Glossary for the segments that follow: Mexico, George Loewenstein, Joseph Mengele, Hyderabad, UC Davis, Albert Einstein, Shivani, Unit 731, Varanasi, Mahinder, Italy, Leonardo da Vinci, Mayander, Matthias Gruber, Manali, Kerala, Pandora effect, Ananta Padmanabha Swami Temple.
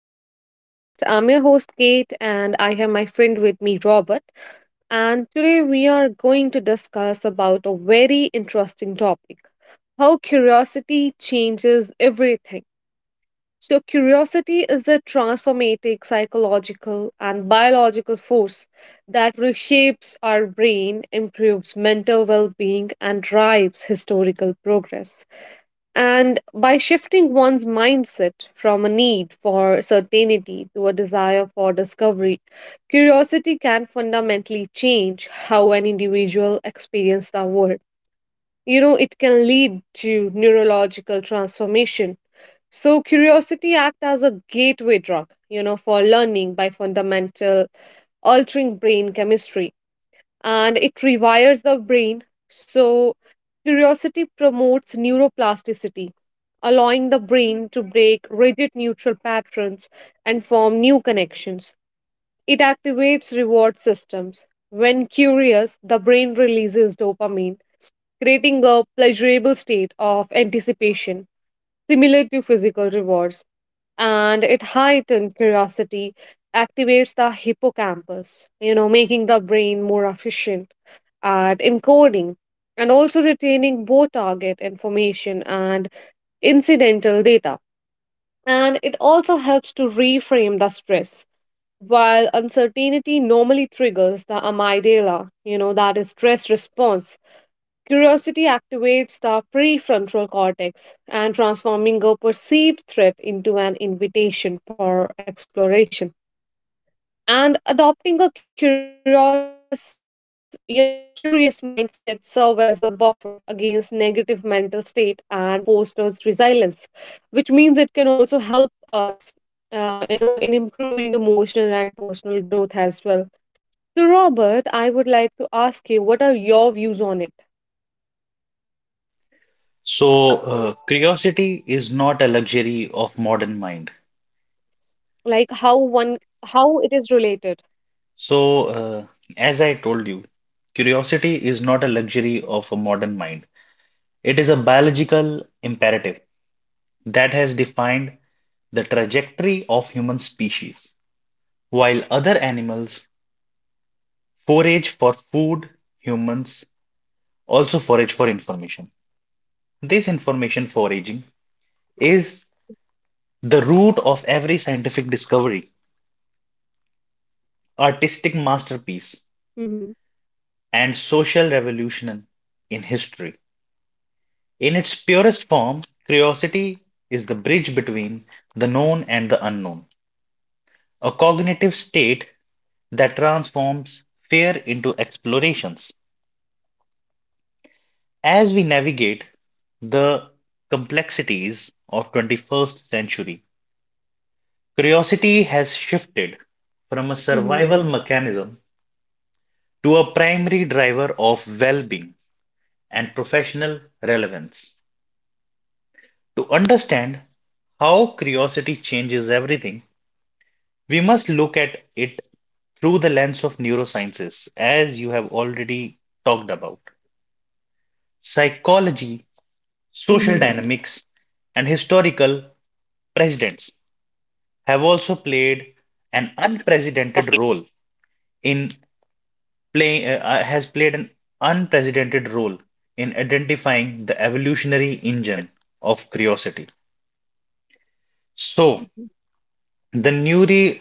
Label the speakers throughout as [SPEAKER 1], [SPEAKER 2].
[SPEAKER 1] Podcast. I'm your host, Kate, and I have my friend with me, Robert. And today we are going to discuss about a very interesting topic, how curiosity changes everything. So, curiosity is a transformative psychological and biological force that reshapes our brain, improves mental well being, and drives historical progress. And by shifting one's mindset from a need for certainty to a desire for discovery, curiosity can fundamentally change how an individual experiences the world. You know, it can lead to neurological transformation. So curiosity acts as a gateway drug, you know, for learning by fundamental altering brain chemistry, and it rewires the brain. So, curiosity promotes neuroplasticity, allowing the brain to break rigid neutral patterns and form new connections. It activates reward systems. When curious, the brain releases dopamine, creating a pleasurable state of anticipation, similar to physical rewards, and it heightens curiosity, activates the hippocampus, you know, making the brain more efficient at encoding and also retaining both target information and incidental data. And it also helps to reframe the stress. While uncertainty normally triggers the amygdala, you know, that is stress response, curiosity activates the prefrontal cortex and transforming a perceived threat into an invitation for exploration. And adopting a curious mindset serves as a buffer against negative mental state and fosters resilience, which means it can also help us, you know, in improving emotional and personal growth as well. So, Robert, I would like to ask you, what are your views on it?
[SPEAKER 2] Curiosity is not a luxury of modern mind.
[SPEAKER 1] Like how one, how it is related?
[SPEAKER 2] So, uh, as I told you, curiosity is not a luxury of a modern mind. It is a biological imperative that has defined the trajectory of human species. While other animals forage for food, humans also forage for information. This information foraging is the root of every scientific discovery, artistic masterpiece,
[SPEAKER 1] Hmm.
[SPEAKER 2] and social revolution in history. In its purest form, curiosity is the bridge between the known and the unknown, a cognitive state that transforms fear into explorations. As we navigate the complexities of 21st century, curiosity has shifted from a survival mechanism to a primary driver of well-being and professional relevance. To understand how curiosity changes everything, we must look at it through the lens of neurosciences, as you have already talked about psychology,
[SPEAKER 1] Uh
[SPEAKER 2] social
[SPEAKER 1] huh.
[SPEAKER 2] dynamics, and historical precedents have also played an unprecedented role in play has played an unprecedented role in identifying the evolutionary engine of curiosity. So the neuro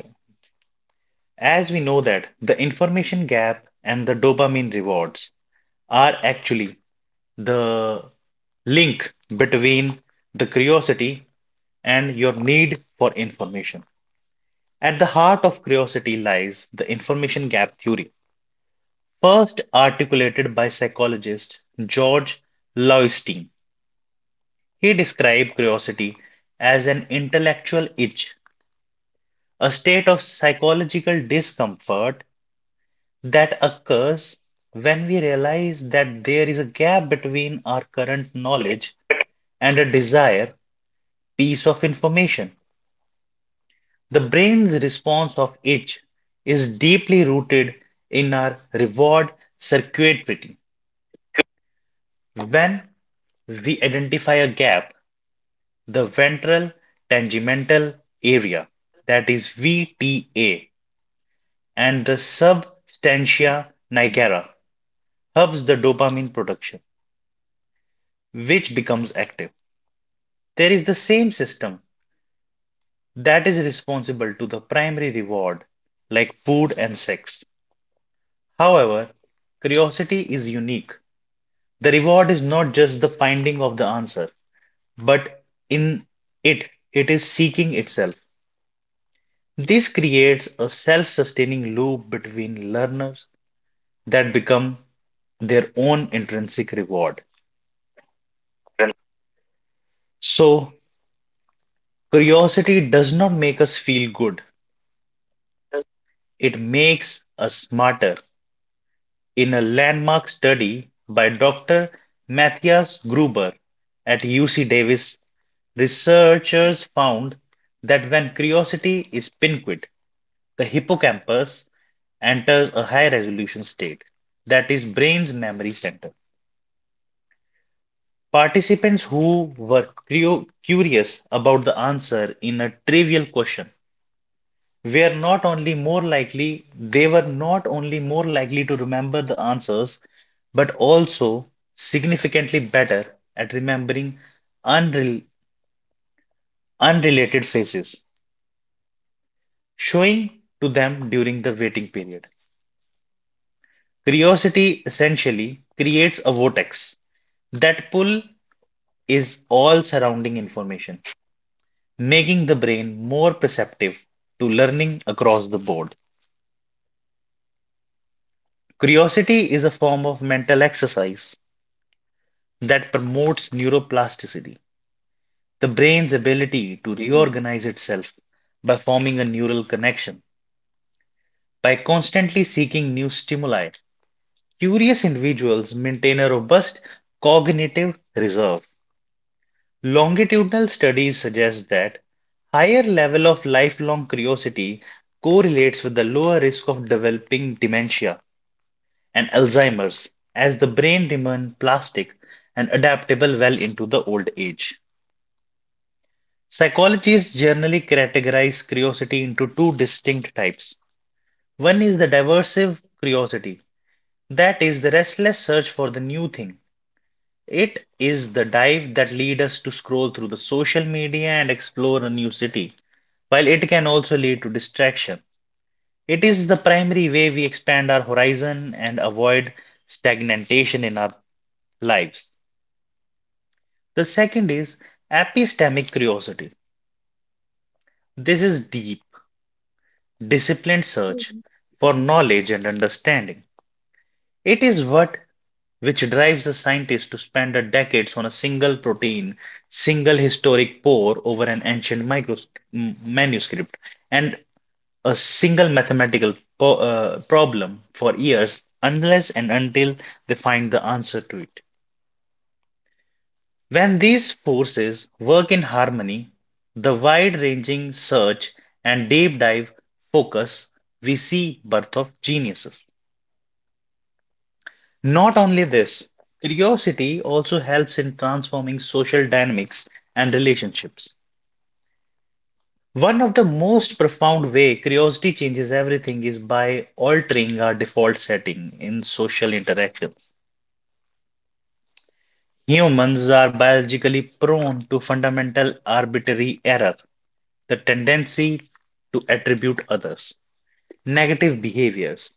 [SPEAKER 2] as we know that the information gap and the dopamine rewards are actually the link between the curiosity and your need for information. At the heart of curiosity lies the information gap theory, first articulated by psychologist George Loewenstein. He described curiosity as an intellectual itch, a state of psychological discomfort that occurs when we realize that there is a gap between our current knowledge and a desired piece of information. The brain's response of itch is deeply rooted in our reward circuitry. When we identify a gap, the ventral tangential area, that is VTA, and the substantia nigra, hubs the dopamine production, which becomes active. There is the same system that is responsible to the primary reward, like food and sex. However, curiosity is unique. The reward is not just the finding of the answer, but in it, it is seeking itself. This creates a self-sustaining loop between learners that become their own intrinsic reward. So, curiosity does not make us feel good, it makes us smarter. In a landmark study by Dr. Matthias Gruber at UC Davis, researchers found that when curiosity is piqued, the hippocampus enters a high resolution state, that is, brain's memory center. Participants who were curious about the answer in a trivial question were not only more likely, they were not only more likely to remember the answers, but also significantly better at remembering unrel unrelated phases, showing to them during the waiting period. Curiosity essentially creates a vortex that pull is all surrounding information, making the brain more perceptive to learning across the board. Curiosity is a form of mental exercise that promotes neuroplasticity, the brain's
[SPEAKER 1] Mhm,
[SPEAKER 2] ability to reorganize itself by forming a neural connection. By constantly seeking new stimuli, curious individuals maintain a robust cognitive reserve. Longitudinal studies suggest that higher level of lifelong curiosity correlates with the lower risk of developing dementia and Alzheimer's as the brain remains plastic and adaptable well into the old age. Psychologists generally categorize curiosity into two distinct types. One is the diversive curiosity, that is, the restless search for the new thing. It is the dive that leads us to scroll through the social media and explore a new city, while it can also lead to distraction. It is the primary way we expand our horizon and avoid stagnation in our lives. The second is epistemic curiosity. This is deep, disciplined search
[SPEAKER 1] mhm,
[SPEAKER 2] for knowledge and understanding. It is what which drives a scientist to spend a decades on a single protein, single historic pore over an ancient manuscript, and a single mathematical problem for years unless and until they find the answer to it. When these forces work in harmony, the wide-ranging search and deep dive focus we see birth of geniuses. Not only this, curiosity also helps in transforming social dynamics and relationships. One of the
[SPEAKER 1] mhm,
[SPEAKER 2] most profound way curiosity changes everything is by altering our default setting in social interactions. Humans are biologically prone to fundamental arbitrary error, the tendency to attribute others' negative behaviors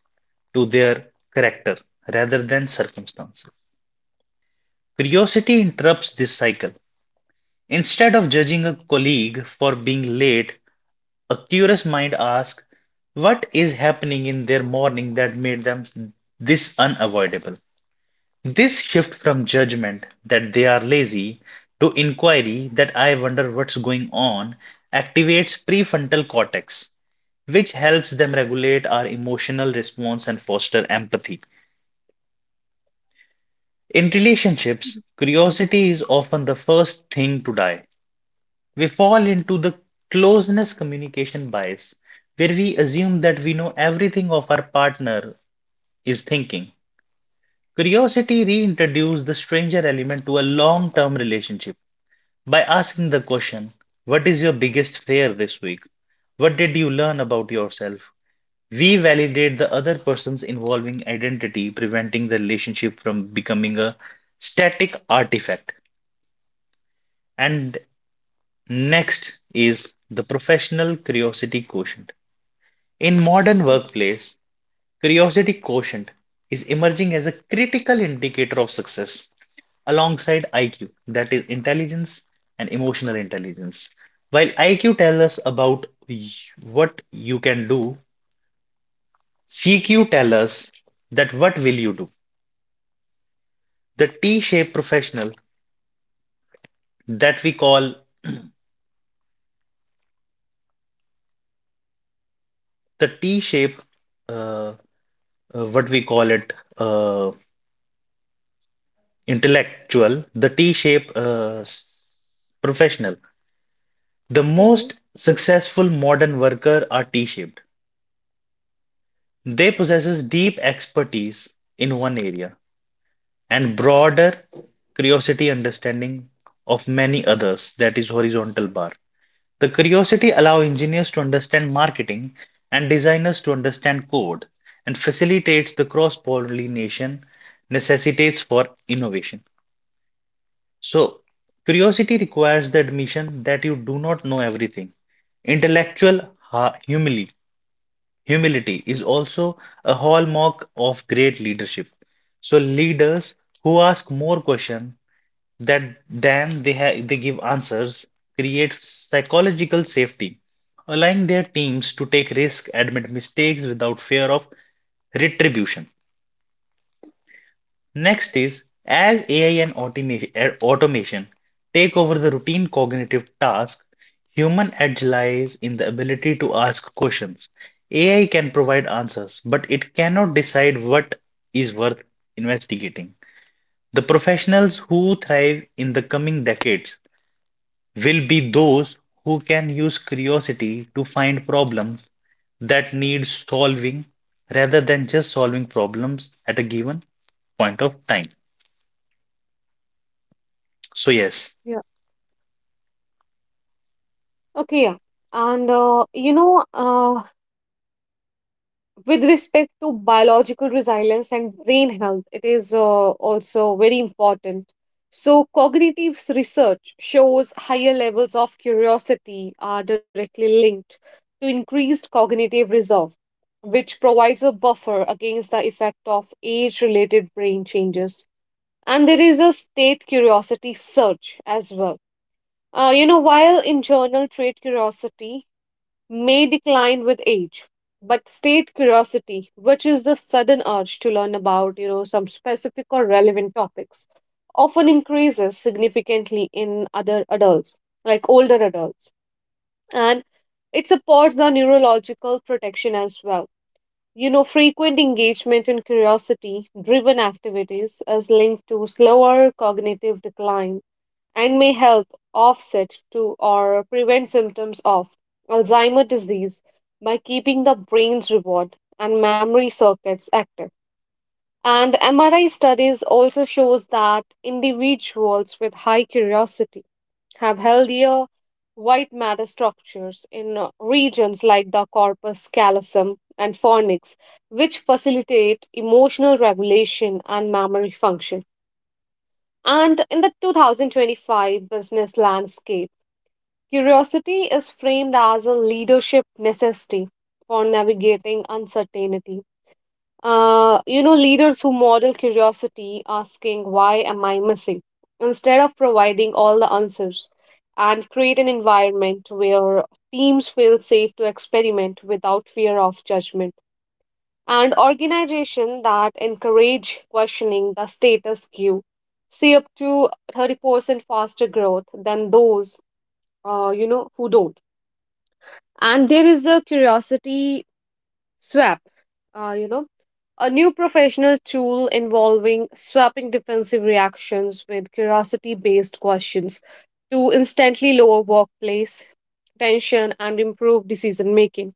[SPEAKER 2] to their character rather than circumstances. Curiosity interrupts this cycle. Instead of judging a colleague for being late, a curious mind asks, what is happening in their morning that made them this unavoidable? This shift from judgment that they are lazy to inquiry that I wonder what's going on activates prefrontal cortex, which helps them regulate our emotional response and foster empathy. In relationships,
[SPEAKER 1] mhm,
[SPEAKER 2] curiosity is often the first thing to die. We fall into the closeness communication bias, where we assume that we know everything of our partner is thinking. Curiosity reintroduces the stranger element to a long term relationship by asking the question, what is your biggest fear this week? What did you learn about yourself? We validate the other person's involving identity, preventing the relationship from becoming a static artifact. And next is the professional curiosity quotient. In modern
[SPEAKER 1] mhm,
[SPEAKER 2] workplace, curiosity quotient is emerging as a critical indicator of success alongside IQ, that is intelligence and emotional intelligence. While IQ tells us about what you can do, CQ tells us that what will you do. The T-shaped professional that we call the t shaped uh, what we call it, intellectual, the t shaped s- professional The
[SPEAKER 1] mhm.
[SPEAKER 2] most successful modern workers are T-shaped. They possess deep expertise in one area and broader curiosity understanding of many others, that is horizontal bar. The curiosity allow engineers to understand marketing and designers to understand code and facilitates the cross-pollination necessitates for innovation. So curiosity requires the admission that you do not know everything. Intellectual ha- humility Humility is also a hallmark of great leadership. So leaders who ask more questions that than they give answers create psychological safety, allowing their teams to take risks, admit mistakes without fear of retribution. Next is as AI and automation take over the routine cognitive tasks, human edge lies in the ability to ask questions. AI can provide answers, but it cannot decide what is worth investigating. The professionals who thrive in the coming decades will be those who can use curiosity to find problems that need solving rather than just solving problems at a given point of time. So, yes.
[SPEAKER 1] Yeah. Okay, yeah. And you know, with respect to biological resilience and brain health, it is also very important. So, cognitive research shows higher levels of curiosity are directly linked to increased cognitive reserve, which provides a buffer against the effect of age related brain changes. And there is a state curiosity surge as well. You know, while in journal trait curiosity may decline with age, but state curiosity, which is the sudden urge to learn about, you know, some specific or relevant topics, often increases significantly in other adults, like older adults. And it supports the neurological protection as well. You know, frequent engagement in curiosity driven activities is linked to slower cognitive decline and may help offset to or prevent symptoms of Alzheimer's disease by keeping the brain's reward and memory circuits active. And MRI studies also shows that individuals with high curiosity have healthier white matter structures in regions like the corpus callosum and fornix, which facilitate emotional regulation and memory function. And in the 2025 business landscape, curiosity is framed as a leadership necessity for navigating uncertainty. You know, leaders who model curiosity, asking, "Why am I missing?" instead of providing all the answers, and create an environment where teams feel safe to experiment without fear of judgment, and organizations that encourage questioning the status quo see up to 30% faster growth than those you know who don't. And there is the curiosity swap, you know, a new professional tool involving swapping defensive reactions with curiosity based questions to instantly lower workplace tension and improve decision making.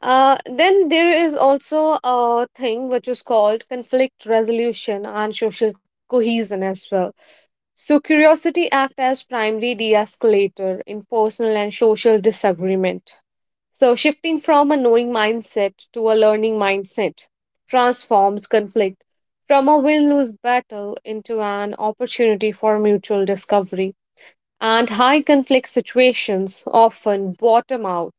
[SPEAKER 1] Then there is also a thing which is called conflict resolution and social cohesion as well. So, curiosity act as primary de escalator in personal and social disagreement. So, shifting from a knowing mindset to a learning mindset transforms conflict from a win lose battle into an opportunity for mutual discovery. And high conflict situations often bottom out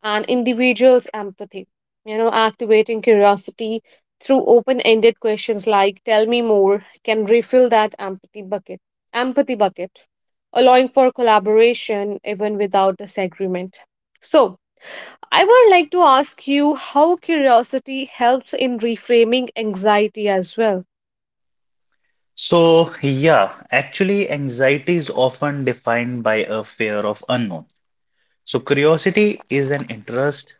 [SPEAKER 1] and individuals' empathy. You know, activating curiosity through open ended questions like "tell me more" can refill that empathy bucket. Empathy bucket, allowing for collaboration even without disagreement. So, I would like to ask you how curiosity helps in reframing anxiety as well.
[SPEAKER 2] Anxiety is often defined by a fear of unknown. So, curiosity is an interest,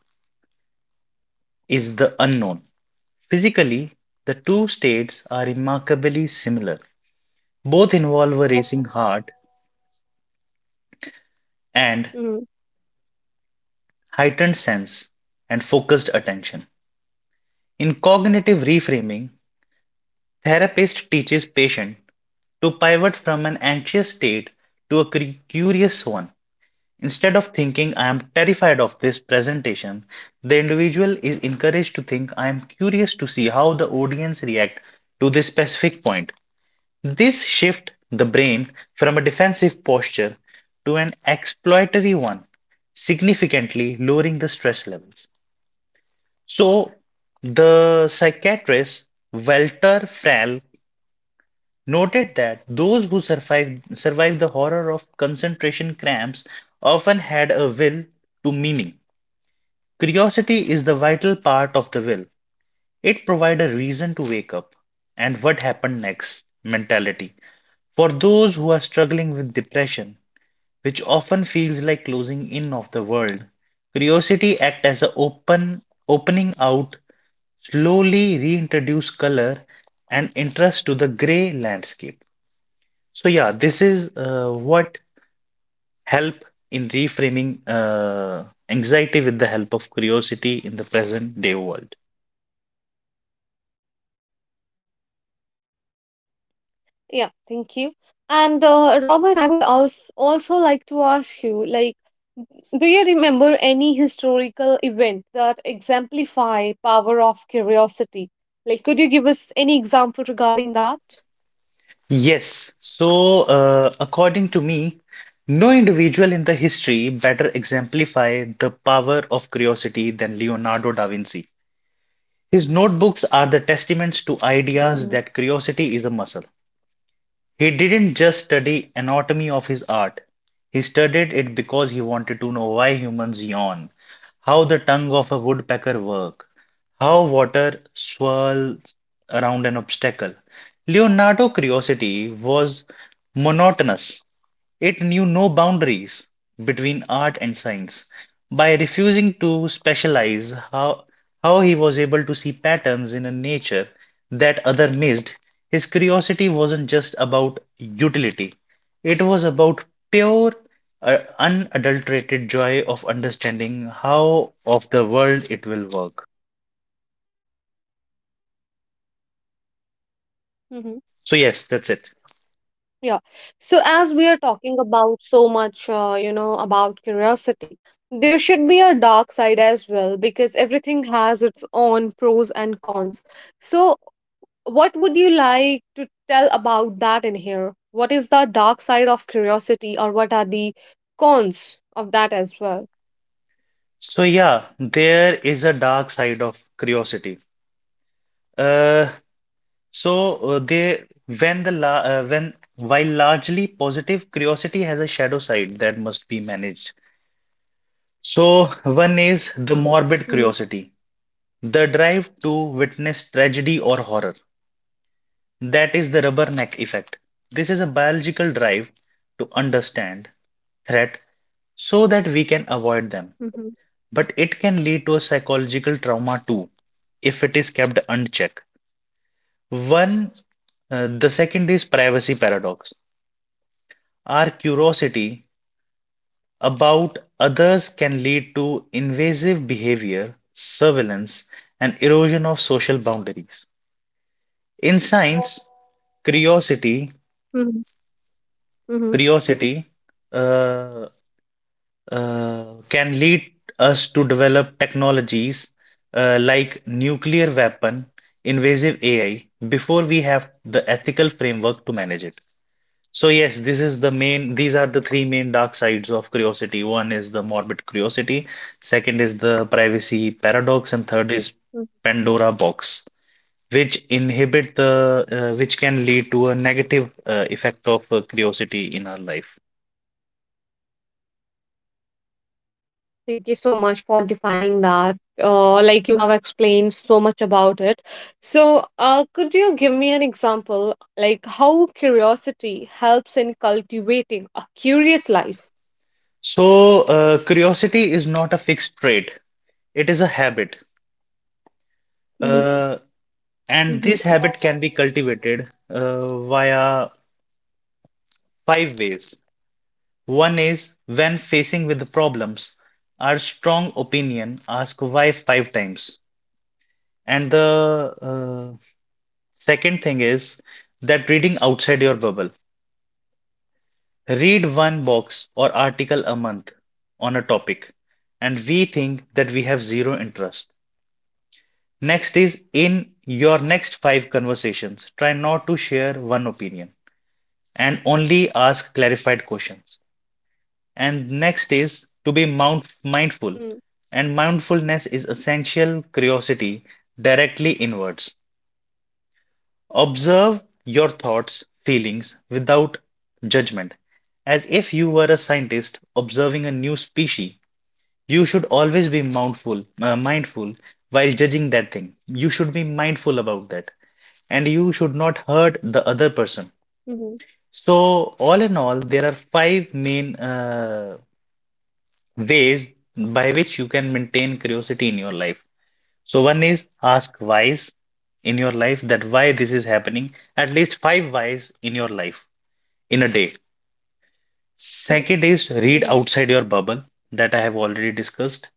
[SPEAKER 2] is the unknown. Physically, the two states are remarkably similar. Both involve a racing heart and
[SPEAKER 1] Mm.
[SPEAKER 2] heightened sense and focused attention. In cognitive reframing, therapist teaches patient to pivot from an anxious state to a curious one. Instead of thinking I am terrified of this presentation, the individual is encouraged to think I am curious to see how the audience react to this specific point. This shift the brain from a defensive posture to an exploitatory one, significantly lowering the stress levels. So, the psychiatrist Walter Frall noted that those who survive the horror of concentration camps often had a will to meaning. Curiosity is the vital part of the will. It provides a reason to wake up and what happened next mentality. For those who are struggling with depression, which often feels like closing in of the world, curiosity acts as an opening out, slowly reintroduce color and interest to the gray landscape. So yeah, this is what help in reframing anxiety with the help of curiosity in the present day world.
[SPEAKER 1] Yeah, thank you. And Robert, I would also like to ask you, like, do you remember any historical event that exemplify power of curiosity? Like could you give us any example regarding that?
[SPEAKER 2] Yes. According to me, no individual in the history better exemplify the power of curiosity than Leonardo da Vinci. His notebooks are the testaments to
[SPEAKER 1] Mm-hmm.
[SPEAKER 2] ideas that curiosity is a muscle. He didn't just study anatomy of his art. He studied it because he wanted to know why humans yawn, how the tongue of a woodpecker work, how water swirls around an obstacle. Leonardo's curiosity was monotonous. It knew no boundaries between art and science. By refusing to specialize, how he was able to see patterns in a nature that other missed. His curiosity wasn't just about utility, it was about pure, unadulterated joy of understanding how of the world it will work.
[SPEAKER 1] Mm-hmm.
[SPEAKER 2] So, yes, that's it.
[SPEAKER 1] Yeah. So, as we are talking about so much, you know, about curiosity, there should be a dark side as well because everything has its own pros and cons. So, what would you like to tell about that in here? What is the dark side of curiosity, or what are the cons of that as well?
[SPEAKER 2] So, yeah, there is a dark side of curiosity. Uh, So they when the la when while largely positive, curiosity has a shadow side that must be managed. So one is the morbid curiosity, the drive to witness tragedy or horror. That is the rubberneck effect. This is a biological drive to understand threat so that we can avoid them. But it can lead to a psychological trauma too if it is kept unchecked. One, the second is privacy paradox. Our curiosity about others can lead to invasive behavior, surveillance, and erosion of social boundaries. In science, curiosity
[SPEAKER 1] Mhm, mhm,
[SPEAKER 2] curiosity uh, can lead us to develop technologies like nuclear weapon invasive AI before we have the ethical framework to manage it. So yes, this is the main, these are the three main dark sides of curiosity. One is the morbid curiosity, second is the
[SPEAKER 1] mhm.
[SPEAKER 2] privacy paradox, and third is Pandora box, which inhibit which can lead to a negative effect of curiosity in our life.
[SPEAKER 1] Thank you so much for defining that. Like you have explained so much about it. So, could you give me an example, like how curiosity helps in cultivating a curious life?
[SPEAKER 2] So curiosity is not a fixed trait; it is a
[SPEAKER 1] Mm-hmm,
[SPEAKER 2] habit,
[SPEAKER 1] mm-hmm,
[SPEAKER 2] uh, and this habit can be cultivated via five ways. One is when facing with the problems, our strong opinion ask why five times. And the second thing is that reading outside your bubble. Read one box or article a month on a topic, and we think that we have zero interest. Next is in your next five conversations, try not to share one opinion and only ask clarified questions. And
[SPEAKER 1] mm-hmm,
[SPEAKER 2] next is to be mount mindful. And mindfulness is essential curiosity directly inwards. Observe your thoughts, feelings without judgment, as if you were a scientist observing a new species. You should always be mindful, mindful while judging that thing. You should be mindful about that, and you
[SPEAKER 1] mm-hmm,
[SPEAKER 2] should not hurt the other person. So, all in all, there are five main ways by which you can maintain curiosity in your life. So, one is ask whys in your life that why this is happening, at least five whys in your life in a day.
[SPEAKER 1] mm-hmm,
[SPEAKER 2] Second is read outside your bubble that I have already discussed.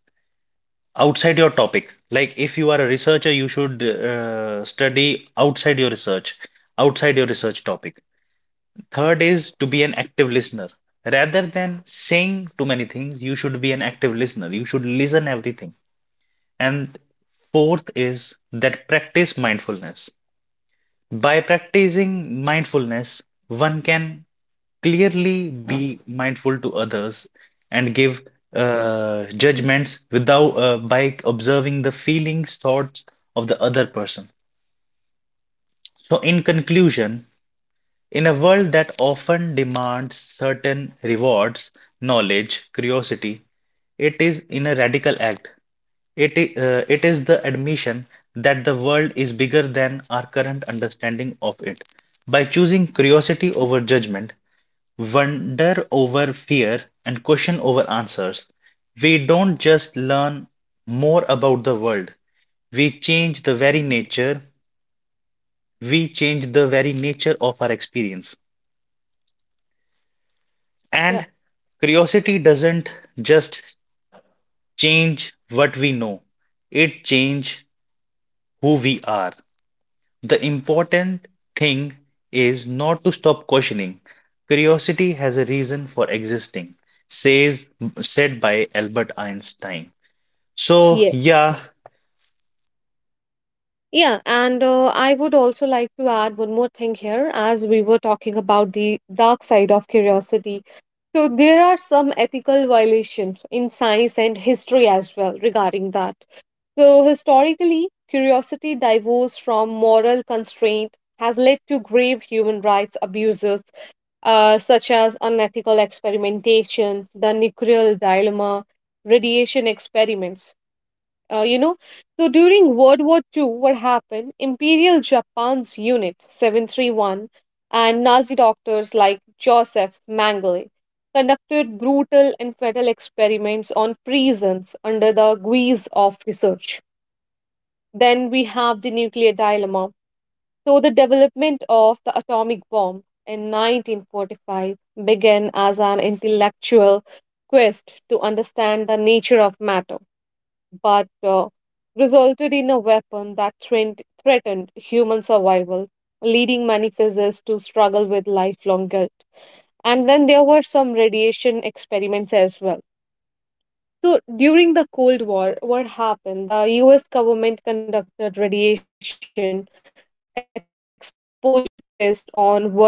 [SPEAKER 2] Outside your topic, like if you are a researcher, you should study outside your research topic. Third is to be an active listener. Rather than saying too many things, you should be an active listener. You should listen everything. And fourth is that practice mindfulness. By practicing mindfulness, one can clearly be mindful to others and give judgments without by observing the feelings, thoughts of the other person. So, in conclusion, in a world that often demands certain rewards, knowledge, curiosity, it is in a radical act. It is the admission that the world is bigger than our current understanding of it. By choosing curiosity over judgment, wonder over fear, and question over answers, we don't just learn more about the world, we change
[SPEAKER 1] mm-hmm.
[SPEAKER 2] the very nature, we change the very nature of our experience. And curiosity doesn't just change what we know, it changes who we are. The important thing is not to stop questioning. Curiosity has a reason for existing, says said by Albert Einstein. So
[SPEAKER 1] Yeah.
[SPEAKER 2] yeah,
[SPEAKER 1] Yeah, and I would also like to add one more thing here as we were talking about the dark side of curiosity. So, there are some ethical violations in science and history as well regarding that. So, historically, curiosity divorced from moral constraint has led to grave human rights abuses, such as unethical experimentation, the nuclear dilemma, radiation experiments. You know, so during World War Two, what happened? Imperial Japan's Unit 731 and Nazi doctors like Joseph Mengele conducted brutal and fatal experiments on prisons under the guise of research. Then we have the nuclear dilemma. So, the development of the atomic bomb in 1945 began as an intellectual quest to understand the nature of matter, but resulted in a weapon that threatened human survival, leading many physicists to struggle with lifelong guilt. And then there were some radiation experiments as well. So during the Cold War, what happened? The US government conducted radiation exposure tests on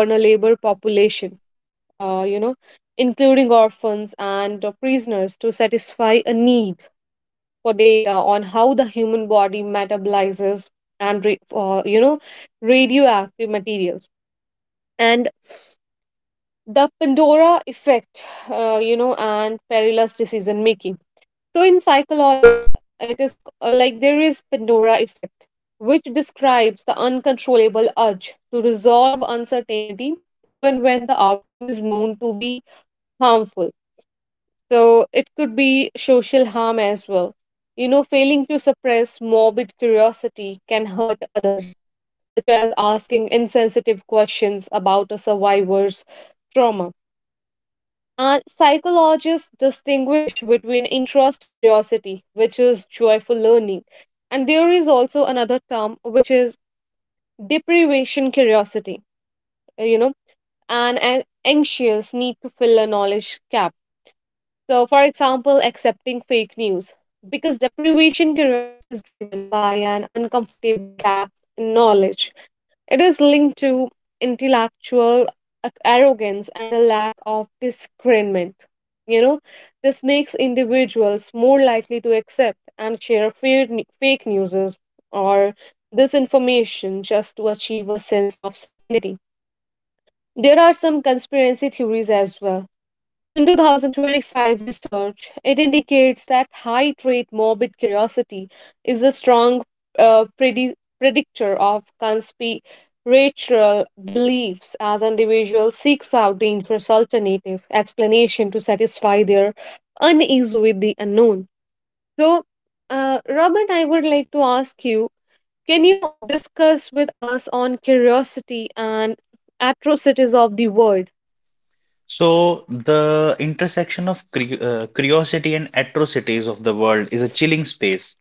[SPEAKER 1] vulnerable population, you know, including orphans and prisoners to satisfy a need for data on how the human body metabolizes and you know, radioactive materials, and the pandora effect, you know, and perilous decision making. So in psychology, it is like there is pandora effect which describes the uncontrollable urge to resolve uncertainty even when the outcome is known to be harmful. So it could be social harm as well. You know, failing to suppress morbid curiosity can hurt others, such as asking insensitive questions about a survivor's trauma. And psychologists distinguish between interest curiosity, which is joyful learning, and there is also another term which is deprivation curiosity, you know, and an anxious need to fill a knowledge gap. So, for example, accepting fake news. Because deprivation curiosity is driven by an uncomfortable gap in knowledge. It is linked to intellectual arrogance and a lack of discernment. You know, this makes individuals more likely to accept and share fake news or disinformation just to achieve a sense of certainty. There are some conspiracy theories as well. So in 2025 research, it indicates that high trait morbid curiosity is a strong predictor of conspiratorial beliefs as individuals seeks out dangerous alternative explanation to satisfy their unease with the unknown. So, Robert, I would like to ask you, can you discuss with us on curiosity and atrocities of the world?
[SPEAKER 2] so the intersection of curiosity and atrocities of the world is a chilling space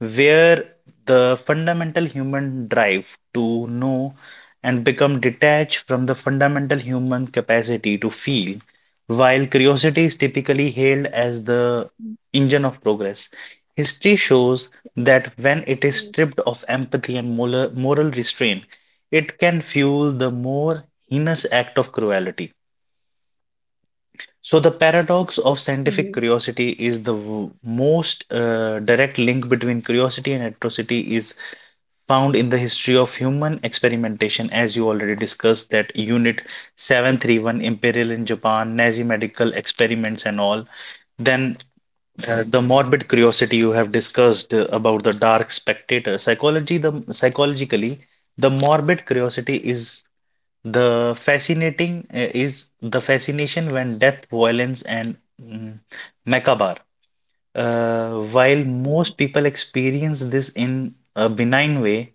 [SPEAKER 2] where the fundamental human drive to know and become detached from the fundamental human capacity to feel, while curiosity is typically hailed as the
[SPEAKER 1] Mhm.
[SPEAKER 2] engine of progress. History shows that when it is stripped of empathy and moral restraint, it can fuel the more heinous act of cruelty. So, the paradox of scientific curiosity is the
[SPEAKER 1] Mhm.
[SPEAKER 2] w- most direct link between curiosity and atrocity is found in the history of human experimentation, as you already discussed, that Unit 731, Imperial in Japan, Nazi medical experiments, and all. Then the morbid curiosity you have discussed about the dark spectator psychology the psychologically the morbid curiosity is the fascinating is the fascination when death, violence, and mm, macabre. While most people experience this in a benign way,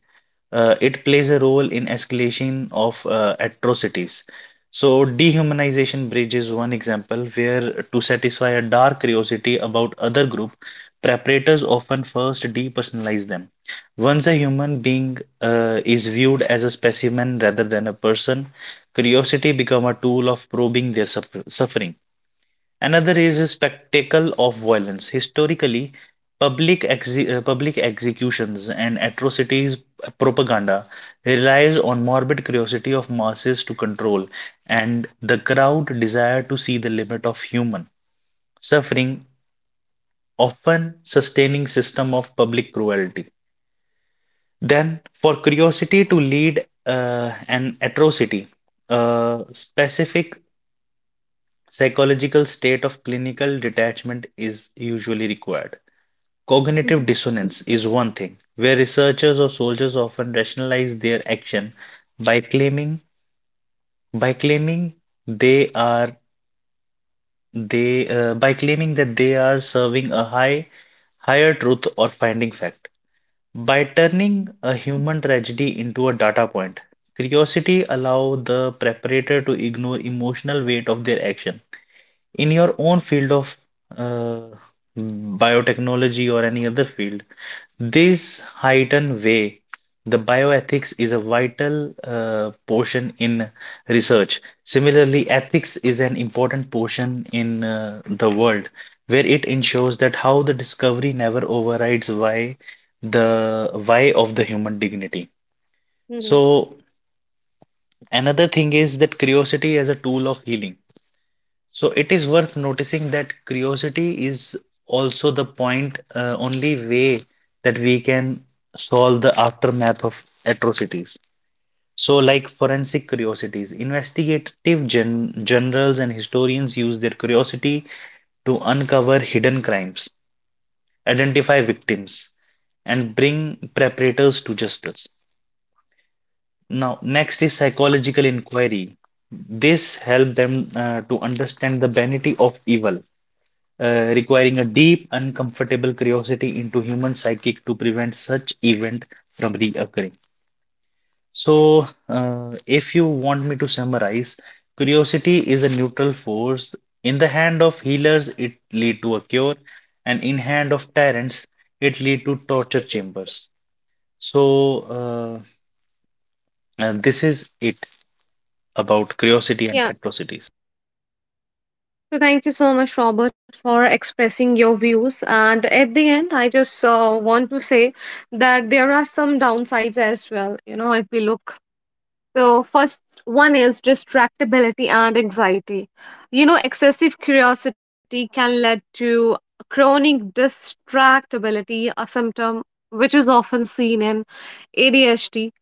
[SPEAKER 2] it plays a role in escalation of atrocities. So, dehumanization bridge is one example where, to satisfy a dark curiosity about other group, preparators often first depersonalize them. Once a human being is viewed as a specimen rather than a person, curiosity become a tool of probing suffering. Another is a spectacle of violence. Historically, public executions and atrocities propaganda relies on morbid curiosity of masses to control and the crowd desire to see the limit of human suffering, often sustaining system of public cruelty. Then, for curiosity to lead an atrocity, a specific psychological state of clinical detachment is usually required. Cognitive dissonance
[SPEAKER 1] Mhm.
[SPEAKER 2] is one thing, where researchers or soldiers often rationalize their action by claiming by claiming they are they by claiming that they are serving a higher truth or finding fact. By turning a human tragedy into a data point, curiosity allow the preparator to ignore emotional weight of their action. In your own field of uh, biotechnology or any other field, this hidden way, the bioethics is a vital portion in research. Similarly, ethics is an important portion in the world where it ensures that how the discovery never overrides why the why of the human dignity. So
[SPEAKER 1] Mhm.
[SPEAKER 2] another thing is that curiosity as a tool of healing. So it is worth noticing that curiosity is also only way that we can solve the aftermath of atrocities. So, like forensic curiosities, investigative generals and historians use their curiosity to uncover hidden crimes, identify victims, and bring perpetrators to justice. Now, next is psychological inquiry. This helps them to understand the vanity of evil requiring a deep, uncomfortable curiosity into human psychic to prevent such event from reoccurring. So, if you want me to summarize, curiosity is a neutral force. In the hand of healers, it lead to a cure, and in hand of tyrants, it lead to torture chambers. So, this is it about curiosity and
[SPEAKER 1] Yeah.
[SPEAKER 2] atrocities.
[SPEAKER 1] So thank you so much, Robert, for expressing your views. And at the end, I just want to say that there are some downsides as well. You know, if we look, so, first one is distractibility and anxiety. You know, excessive curiosity can lead to chronic distractibility, a symptom which is often seen in ADHD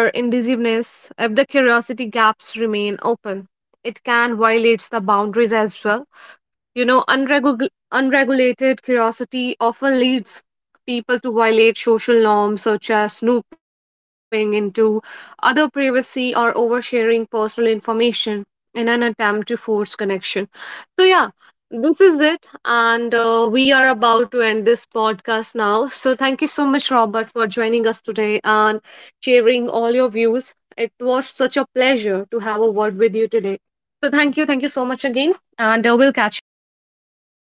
[SPEAKER 1] indecisiveness if the curiosity gaps remain open. It can violate the boundaries as well. You know, unregulated curiosity often leads people to violate social norms such as snooping into other privacy or oversharing personal information in an attempt to force connection. So, yeah, this is it. And we are about to end this podcast now. So, thank you so much, Robert, for joining us today and sharing all your views. It was such a pleasure to have a word with you today. So, thank you. Thank you so much again. And we'll catch you later.